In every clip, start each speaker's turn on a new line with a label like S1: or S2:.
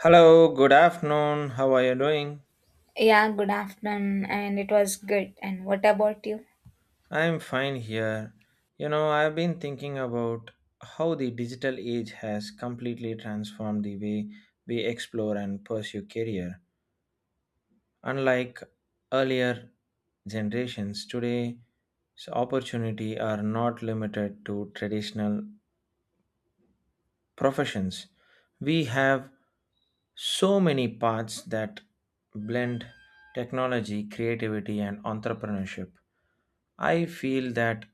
S1: Hello, good afternoon. How are you doing?
S2: Yeah, good afternoon, and it was good. And what about you?
S1: I'm fine here. You know, I've been thinking about how the digital age has completely transformed the way we explore and pursue career. Unlike earlier generations, today's opportunity are not limited to traditional professions. We have so many paths that blend technology, creativity, and entrepreneurship. I feel that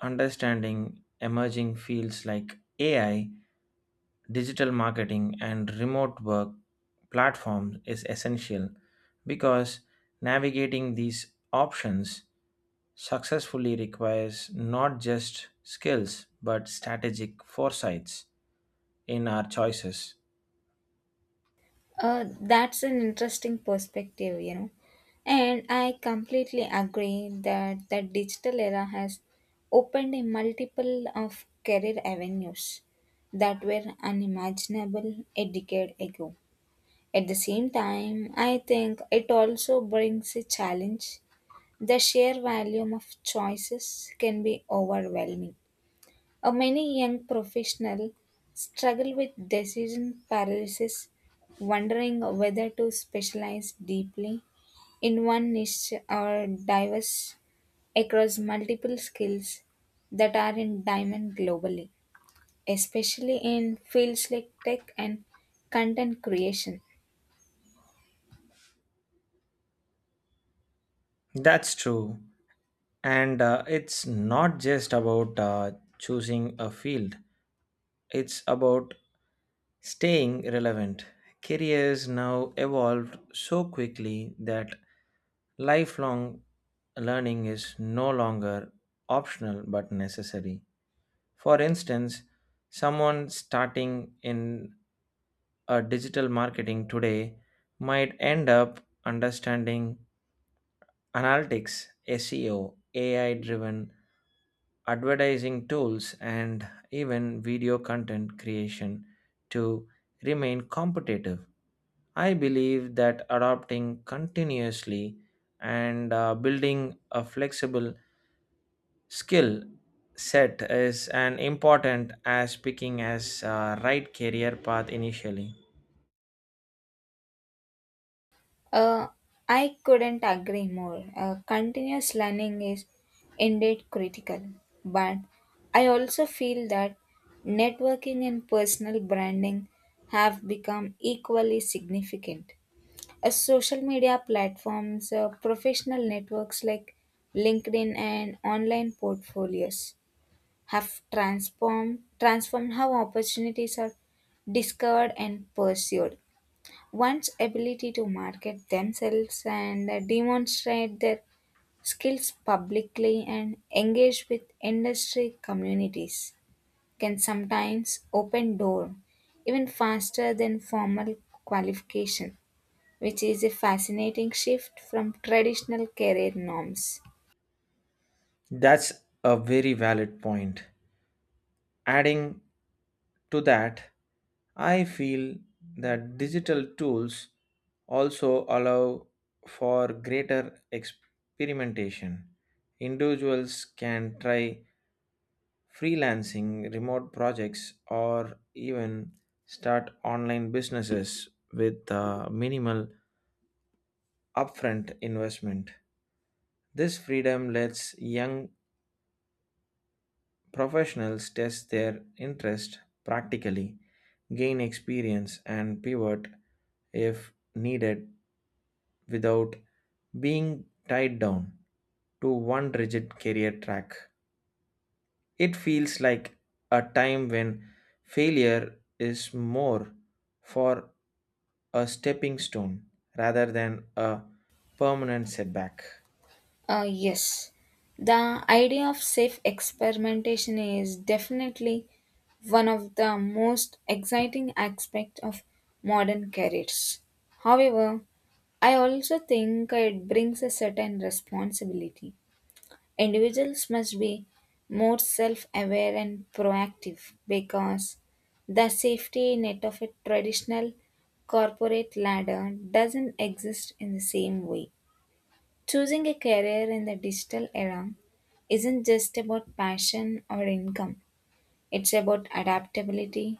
S1: understanding emerging fields like AI, digital marketing, and remote work platforms is essential because navigating these options successfully requires not just skills but strategic foresights in our choices.
S2: That's an interesting perspective. And I completely agree that the digital era has opened a multiple of career avenues that were unimaginable a decade ago. At the same time, I think it also brings a challenge. The sheer volume of choices can be overwhelming. Many young professionals struggle with decision paralysis, wondering whether to specialize deeply in one niche or diverse across multiple skills that are in demand globally, especially in fields like tech and content creation.
S1: That's true. And it's not just about choosing a field, it's about staying relevant. Careers now evolved so quickly that lifelong learning is no longer optional but necessary. For instance, someone starting in a digital marketing today might end up understanding analytics, SEO, AI driven advertising tools, and even video content creation to remain competitive. I believe that adopting continuously and building a flexible skill set is an important as picking as right career path initially.
S2: Uh, I couldn't agree more. Continuous learning is indeed critical, but I also feel that networking and personal branding have become equally significant. As social media platforms, professional networks like LinkedIn and online portfolios have transformed how opportunities are discovered and pursued, one's ability to market themselves and demonstrate their skills publicly and engage with industry communities can sometimes open door even faster than formal qualification, which is a fascinating shift from traditional career norms.
S1: That's a very valid point. Adding to that, I feel that digital tools also allow for greater experimentation. Individuals can try freelancing, remote projects, or even start online businesses with minimal upfront investment. This freedom lets young professionals test their interest practically, gain experience, and pivot if needed without being tied down to one rigid career track. It feels like a time when failure is more for a stepping stone rather than a permanent setback.
S2: Yes, the idea of safe experimentation is definitely one of the most exciting aspects of modern careers. However, I also think it brings a certain responsibility. Individuals must be more self aware and proactive because the safety net of a traditional corporate ladder doesn't exist in the same way. Choosing a career in the digital era isn't just about passion or income, it's about adaptability,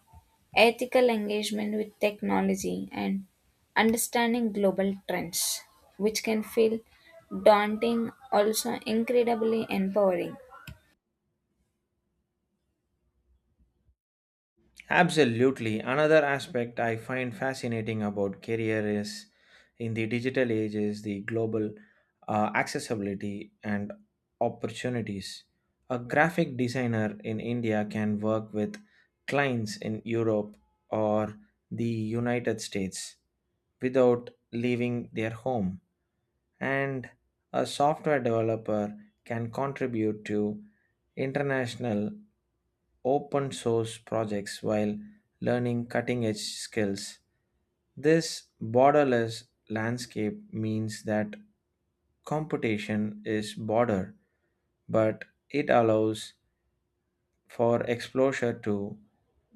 S2: ethical engagement with technology, and understanding global trends, which can feel daunting, also incredibly empowering.
S1: Absolutely. Another aspect I find fascinating about career is in the digital age is the global accessibility and opportunities. A graphic designer in India can work with clients in Europe or the United States without leaving their home, and a software developer can contribute to international open source projects while learning cutting edge skills. This borderless landscape means that competition is border, but it allows for exposure to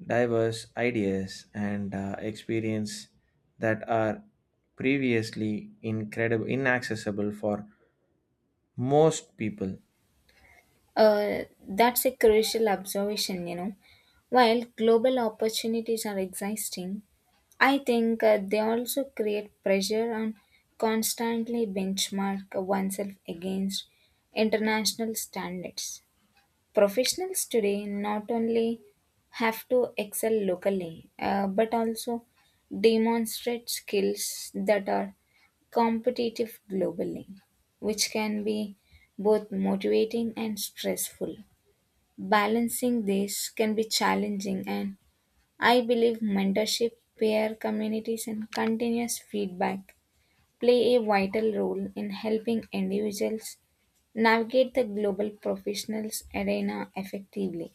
S1: diverse ideas and experience that are previously incredible inaccessible for most people.
S2: That's a crucial observation. While global opportunities are existing, I think they also create pressure on constantly benchmark oneself against international standards. Professionals today not only have to excel locally but also demonstrate skills that are competitive globally, which can be both motivating and stressful. Balancing this can be challenging, and I believe mentorship, peer communities, and continuous feedback play a vital role in helping individuals navigate the global professionals arena effectively.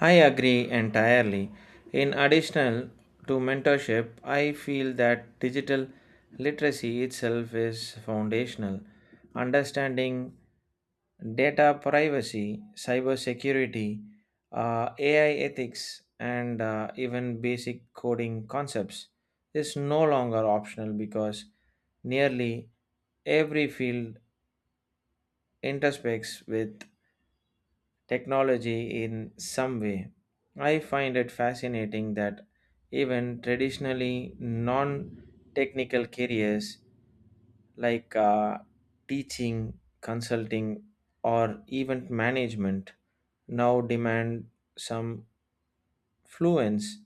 S1: I agree entirely. In addition to mentorship, I feel that digital literacy itself is foundational. Understanding data privacy, cybersecurity, AI ethics, and even basic coding concepts is no longer optional because nearly every field intersects with technology in some way. I find it fascinating that even traditionally non technical careers like teaching, consulting, or event management now demand some fluency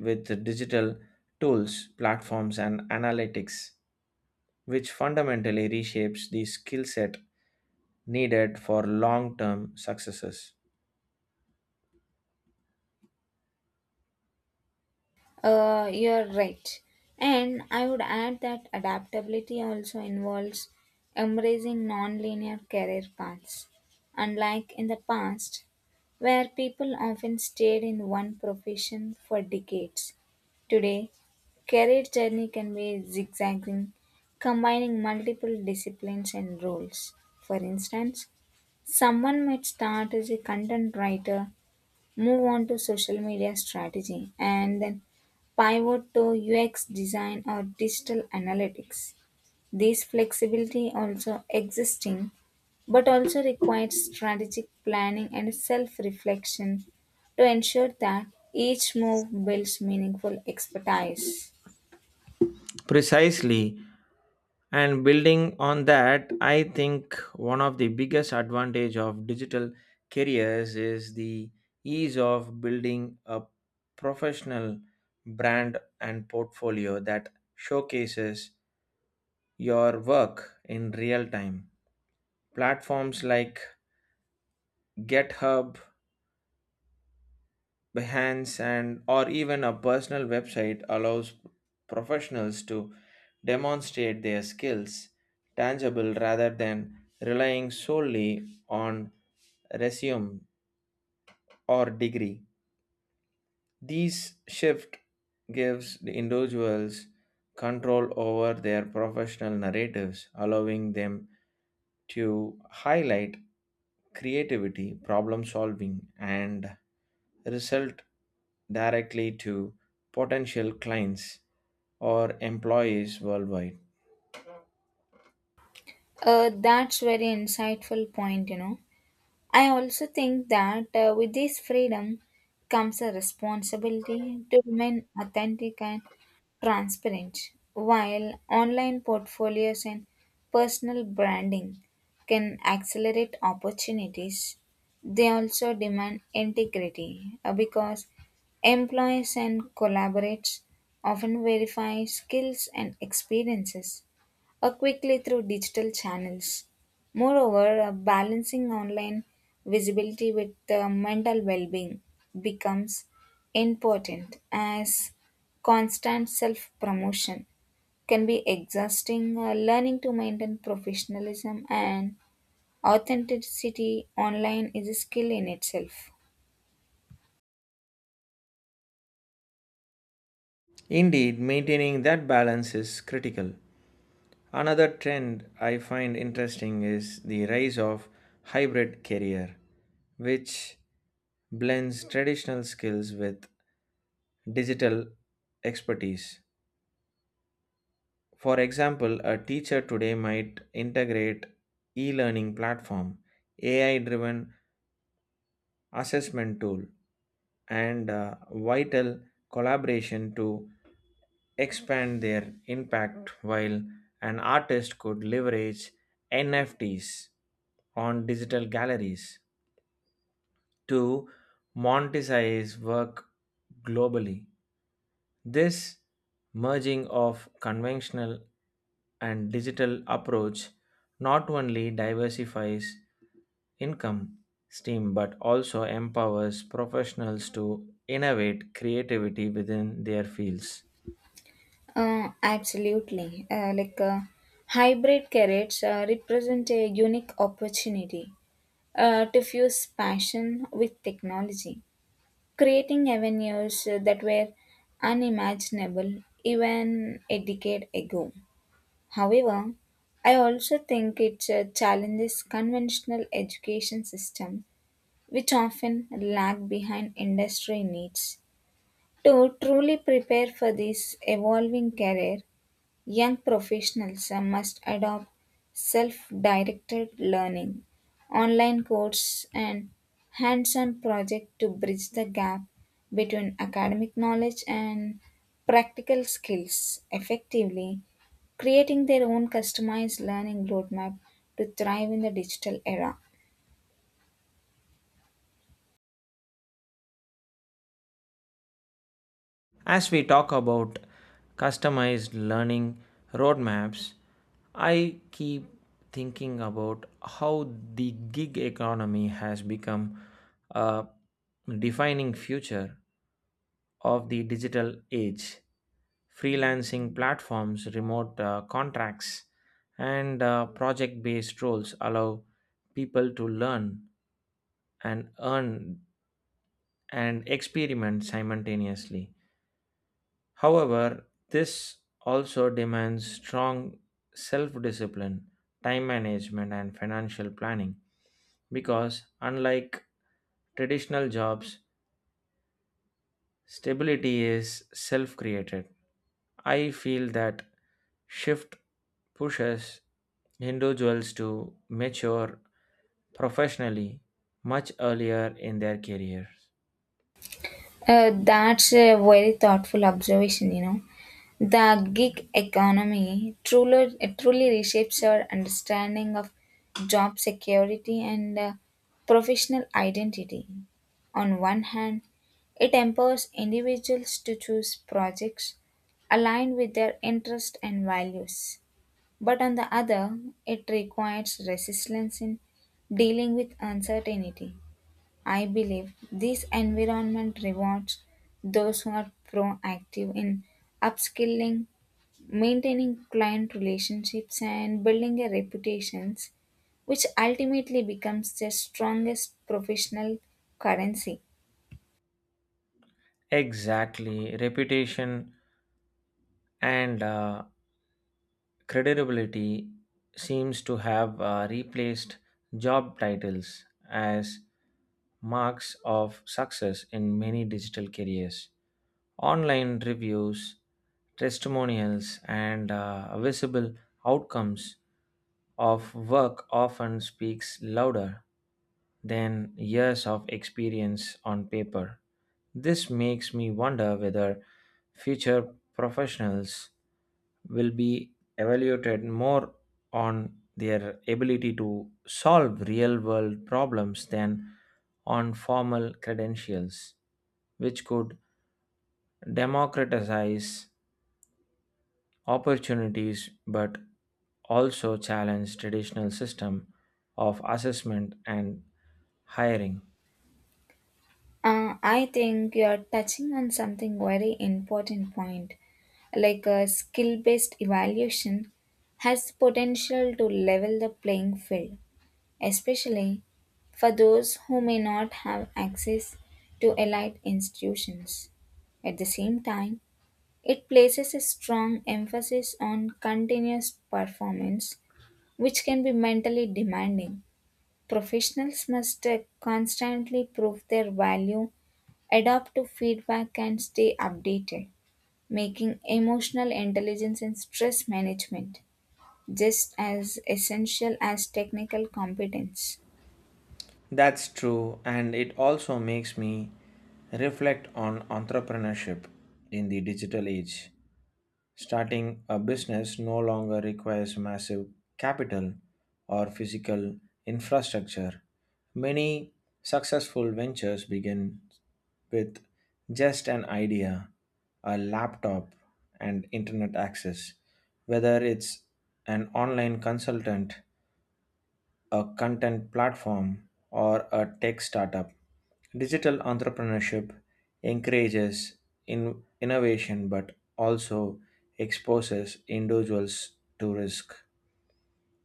S1: with the digital tools, platforms, and analytics, which fundamentally reshapes the skill set needed for long term successes.
S2: You're right. And I would add that adaptability also involves embracing non-linear career paths. Unlike in the past, where people often stayed in one profession for decades, today career journey can be zigzagging, combining multiple disciplines and roles. For instance, someone might start as a content writer, move on to social media strategy, and then pivot to UX design or digital analytics. This flexibility also existing, but also requires strategic planning and self-reflection to ensure that each move builds meaningful expertise.
S1: Precisely, and building on that I think one of the biggest advantage of digital careers is the ease of building a professional brand and portfolio that showcases your work in real time. Platforms like GitHub, Behance and or even a personal website allows professionals to demonstrate their skills tangible rather than relying solely on resume or degree. These shift gives the individuals control over their professional narratives, allowing them to highlight creativity, problem solving, and result directly to potential clients or employees worldwide.
S2: That's very insightful point. I also think that with this freedom comes a responsibility to remain authentic and transparent, while online portfolios and personal branding can accelerate opportunities. They also demand integrity because employees and collaborators often verify skills and experiences or quickly through digital channels. Moreover, balancing online visibility with mental well being becomes important as constant self promotion can be exhausting. Learning to maintain professionalism and authenticity online is a skill in itself.
S1: Indeed, maintaining that balance is critical. Another trend I find interesting is the rise of hybrid career, which blends traditional skills with digital expertise. For example, a teacher today might integrate e-learning platform, AI-driven assessment tool and vital collaboration to expand their impact while an artist could leverage NFTs on digital galleries to monetize work globally. This merging of conventional and digital approach not only diversifies income stream but also empowers professionals to innovate creativity within their fields.
S2: Absolutely. Like hybrid carrots represent a unique opportunity to fuse passion with technology, creating avenues that were unimaginable even a decade ago. However, I also think it challenges conventional education system which often lag behind industry needs. To truly prepare for this evolving career, young professionals must adopt self-directed learning, online courses, and hands-on projects to bridge the gap between academic knowledge and practical skills effectively, creating their own customized learning roadmap to thrive in the digital era.
S1: As we talk about customized learning roadmaps, I keep thinking about how the gig economy has become a defining future of the digital age. Freelancing platforms, remote contracts, and project based roles allow people to learn and earn and experiment simultaneously. However, this also demands strong self discipline, time management, and financial planning because, unlike traditional jobs, stability is self created. I feel that shift pushes individuals to mature professionally much earlier in their careers.
S2: That's a very thoughtful observation. The gig economy truly reshapes our understanding of job security and professional identity. On one hand, it empowers individuals to choose projects aligned with their interests and values. But on the other, it requires resilience in dealing with uncertainty. I believe this environment rewards those who are proactive in upskilling, maintaining client relationships, and building a reputations, which ultimately becomes their strongest professional currency.
S1: Exactly, reputation and credibility seems to have replaced job titles as marks of success in many digital careers. Online reviews, testimonials, and visible outcomes of work often speaks louder than years of experience on paper. This makes me wonder whether future professionals will be evaluated more on their ability to solve real world problems than on formal credentials, which could democratize opportunities but also challenge traditional system of assessment and hiring.
S2: I think you're touching on something very important point. Like a skill based evaluation has potential to level the playing field, especially for those who may not have access to elite institutions. At the same time, it places a strong emphasis on continuous performance, which can be mentally demanding. Professionals must constantly prove their value, adapt to feedback, and stay updated, making emotional intelligence and stress management just as essential as technical competence.
S1: That's true, and it also makes me reflect on entrepreneurship in the digital age. Starting a business no longer requires massive capital or physical infrastructure. Many successful ventures begin with just an idea, a laptop, and internet access. Whether it's an online consultant, a content platform, or a tech startup. Digital entrepreneurship encourages innovation but also exposes individuals to risk,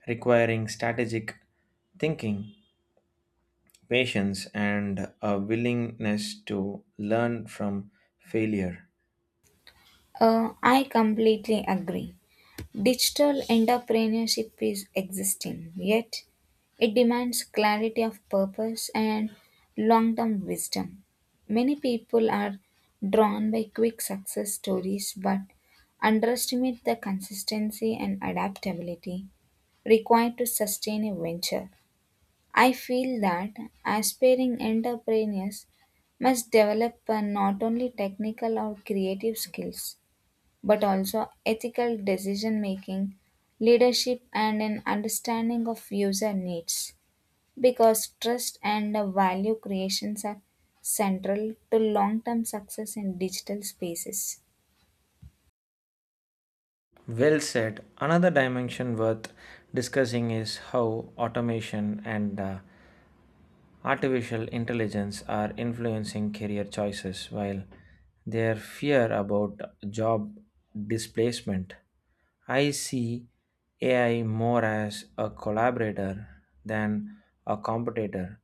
S1: requiring strategic thinking, patience, and a willingness to learn from failure.
S2: I completely agree. Digital entrepreneurship is existing, yet it demands clarity of purpose and long term wisdom. Many people are drawn by quick success stories but underestimate the consistency and adaptability required to sustain a venture. I feel that aspiring entrepreneurs must develop not only technical or creative skills but also ethical decision making, leadership, and an understanding of user needs. Because trust and value creations are central to long term success in digital spaces.
S1: Well said. Another dimension worth discussing is how automation and artificial intelligence are influencing career choices while their fear about job displacement. I see AI more as a collaborator than a competitor.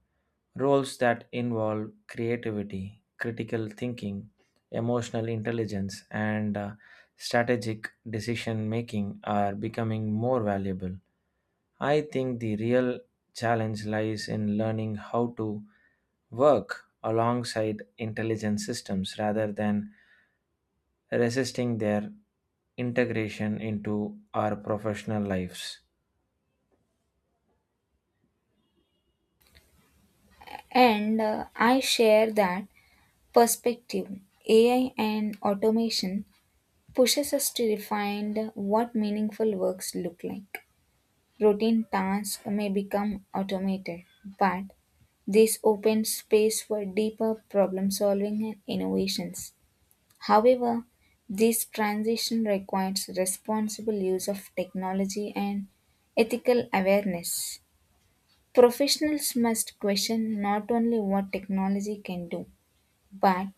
S1: Roles that involve creativity, critical thinking, emotional intelligence, and strategic decision making are becoming more valuable. I think the real challenge lies in learning how to work alongside intelligent systems rather than resisting their integration into our professional lives.
S2: And I share that perspective. AI and automation pushes us to refine what meaningful works look like. Routine tasks may become automated, but this opens space for deeper problem solving and innovations. However, this transition requires responsible use of technology and ethical awareness. Professionals must question not only what technology can do, but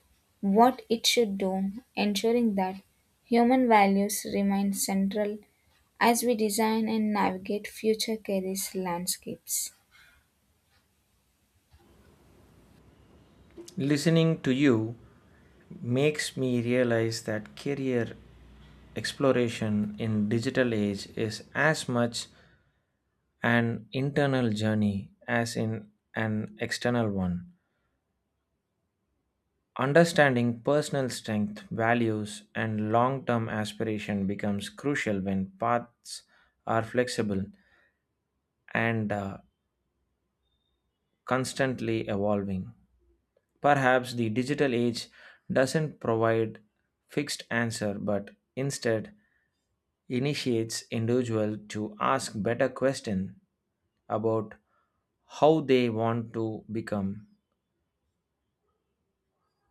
S2: what it should do, ensuring that human values remain central as we design and navigate future careers landscapes.
S1: Listening to you makes me realize that career exploration in digital age is as much an internal journey as in an external one. Understanding personal strength, values, and long term aspiration becomes crucial when paths are flexible and constantly evolving. Perhaps the digital age doesn't provide fixed answer but instead initiates individual to ask better question about how they want to become,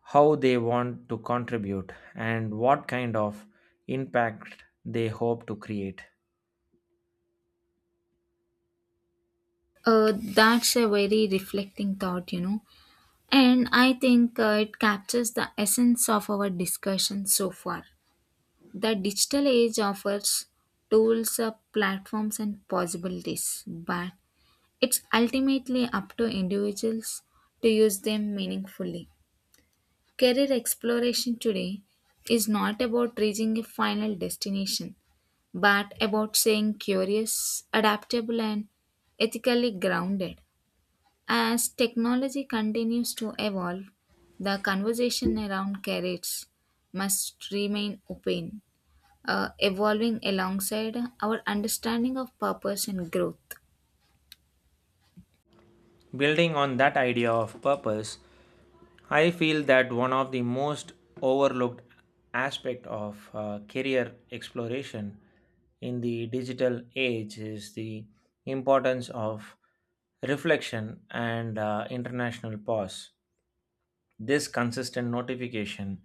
S1: how they want to contribute, and what kind of impact they hope to create.
S2: That's a very reflecting thought, and I think it captures the essence of our discussion so far. The digital age offers tools, platforms, and possibilities, but it's ultimately up to individuals to use them meaningfully. Career exploration today is not about reaching a final destination, but about saying curious, adaptable, and ethically grounded. As technology continues to evolve, the conversation around carrots must remain open, evolving alongside our understanding of purpose and growth.
S1: Building on that idea of purpose, I feel that one of the most overlooked aspect of career exploration in the digital age is the importance of reflection and international pause. This consistent notification,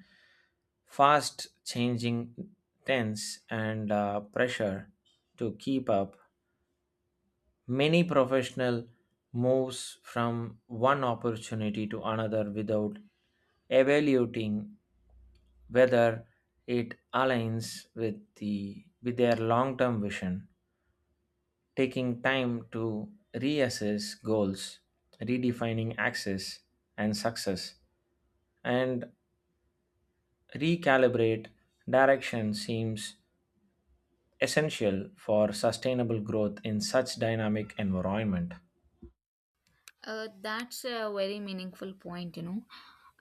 S1: fast changing tense and pressure to keep up, many professional moves from one opportunity to another without evaluating whether it aligns with their long-term vision. Taking time to reassess goals, redefining access and success, and recalibrate direction seems essential for sustainable growth in such dynamic environment.
S2: That's a very meaningful point.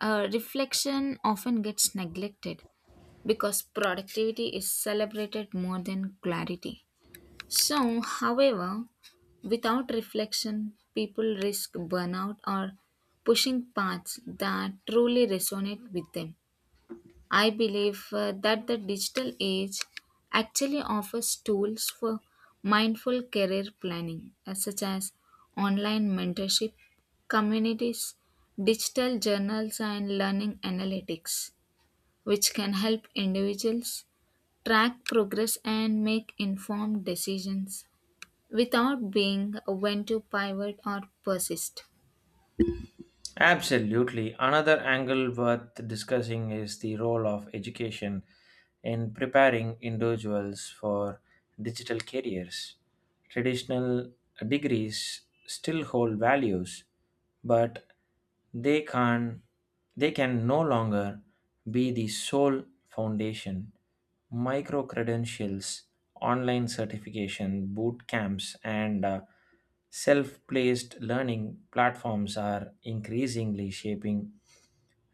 S2: Reflection often gets neglected because productivity is celebrated more than clarity. So, however, without reflection, people risk burnout or pushing paths that truly resonate with them. I believe that the digital age actually offers tools for mindful career planning, such as online mentorship, communities, digital journals, and learning analytics, which can help individuals track progress and make informed decisions without being when to pivot or persist.
S1: Absolutely. Another angle worth discussing is the role of education in preparing individuals for digital careers. Traditional degrees still hold values, but they can they can no longer be the sole foundation. Micro credentials, online certification, boot camps, and self placed learning platforms are increasingly shaping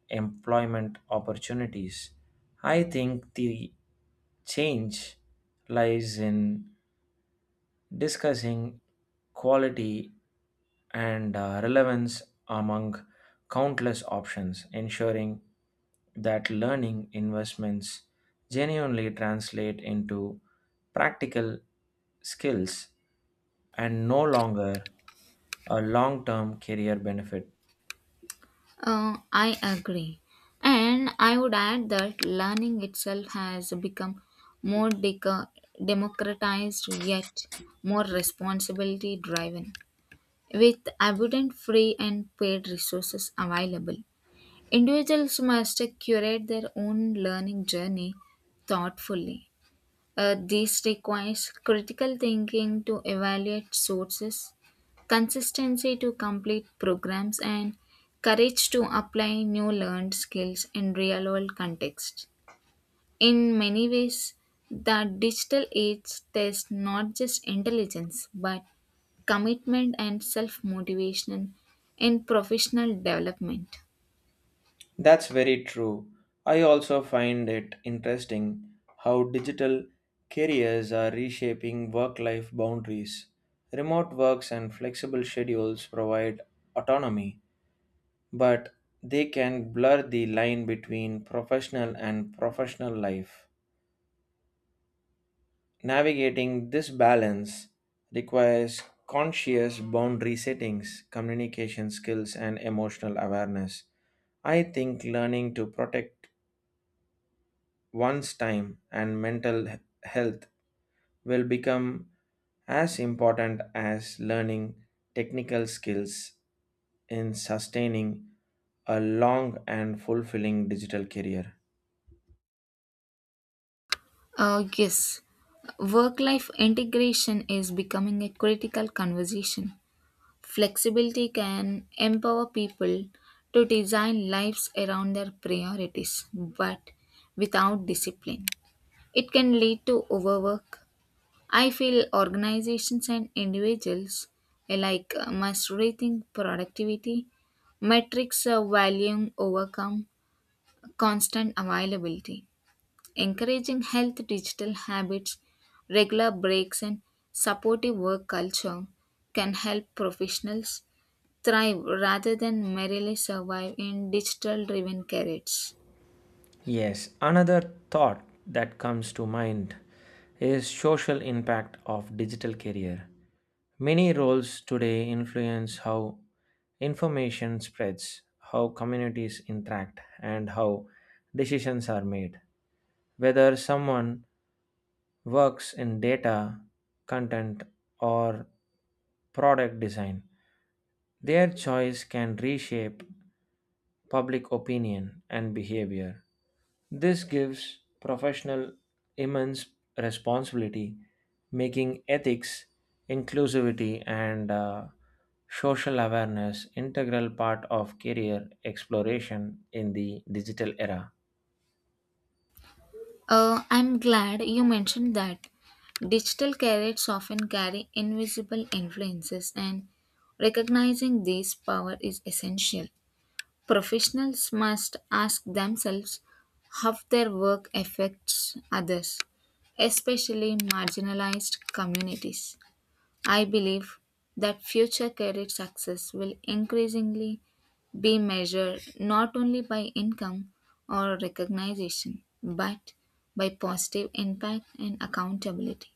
S1: employment opportunities. I think the change lies in discussing quality and relevance among countless options, ensuring that learning investments genuinely translate into practical skills and no longer a long term career benefit.
S2: I agree. And I would add that learning itself has become more deco- democratized yet more responsibility driven, with abundant free and paid resources available. Individuals must curate their own learning journey thoughtfully. This requires critical thinking to evaluate sources, consistency to complete programs, and courage to apply new learned skills in real world context. In many ways, the digital age tests not just intelligence but commitment and self motivation in professional development.
S1: That's very true. I also find it interesting how digital careers are reshaping work life boundaries. Remote works and flexible schedules provide autonomy, but they can blur the line between professional and professional life. Navigating this balance requires conscious boundary settings, communication skills, and emotional awareness. I think learning to protect one's time and mental health will become as important as learning technical skills in sustaining a long and fulfilling digital career.
S2: Yes, work life integration is becoming a critical conversation. Flexibility can empower people to design lives around their priorities, but without discipline, it can lead to overwork. I feel organizations and individuals alike must rethink productivity metrics of volume overcome constant availability, encouraging health digital habits, regular breaks, and supportive work culture can help professionals thrive rather than merely survive in digital driven carrots.
S1: Yes, another thought that comes to mind is social impact of digital career. Many roles today influence how information spreads, how communities interact, and how decisions are made. Whether someone works in data, content, or product design, their choice can reshape public opinion and behavior. This gives professional immense responsibility, making ethics, inclusivity, and social awareness integral part of career exploration in the digital era.
S2: I'm glad you mentioned that. Digital carrots often carry invisible influences, and recognizing this power is essential. Professionals must ask themselves how their work affects others, especially marginalized communities. I believe that future career success will increasingly be measured not only by income or recognition, but by positive impact and accountability.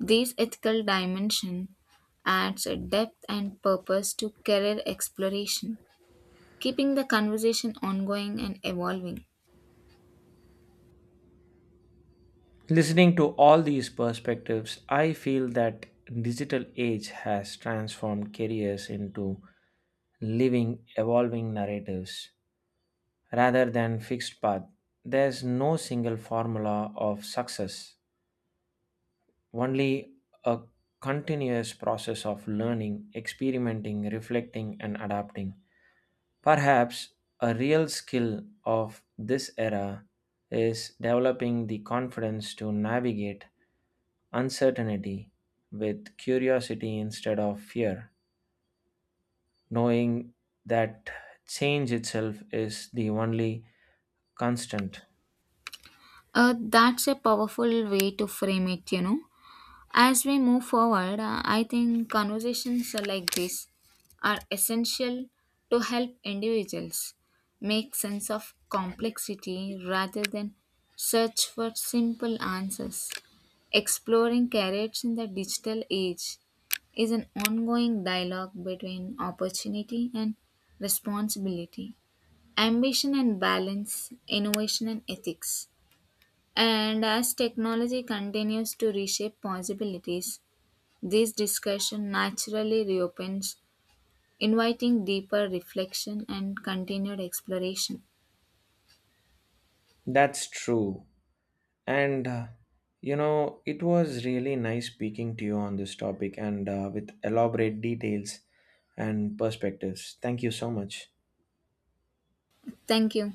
S2: This ethical dimension adds a depth and purpose to career exploration, keeping the conversation ongoing and evolving.
S1: Listening to all these perspectives, I feel that digital age has transformed careers into living, evolving narratives rather than fixed path. There's no single formula of success, only a continuous process of learning, experimenting, reflecting, and adapting. Perhaps a real skill of this era is developing the confidence to navigate uncertainty with curiosity instead of fear, knowing that change itself is the only constant.
S2: That's a powerful way to frame it. As we move forward, I think conversations are like this are essential to help individuals make sense of complexity rather than search for simple answers. Exploring careers in the digital age is an ongoing dialogue between opportunity and responsibility, ambition and balance, innovation and ethics. And as technology continues to reshape possibilities, this discussion naturally reopens, inviting deeper reflection and continued exploration.
S1: That's true. And you know, it was really nice speaking to you on this topic and with elaborate details and perspectives. Thank you so much.
S2: Thank you.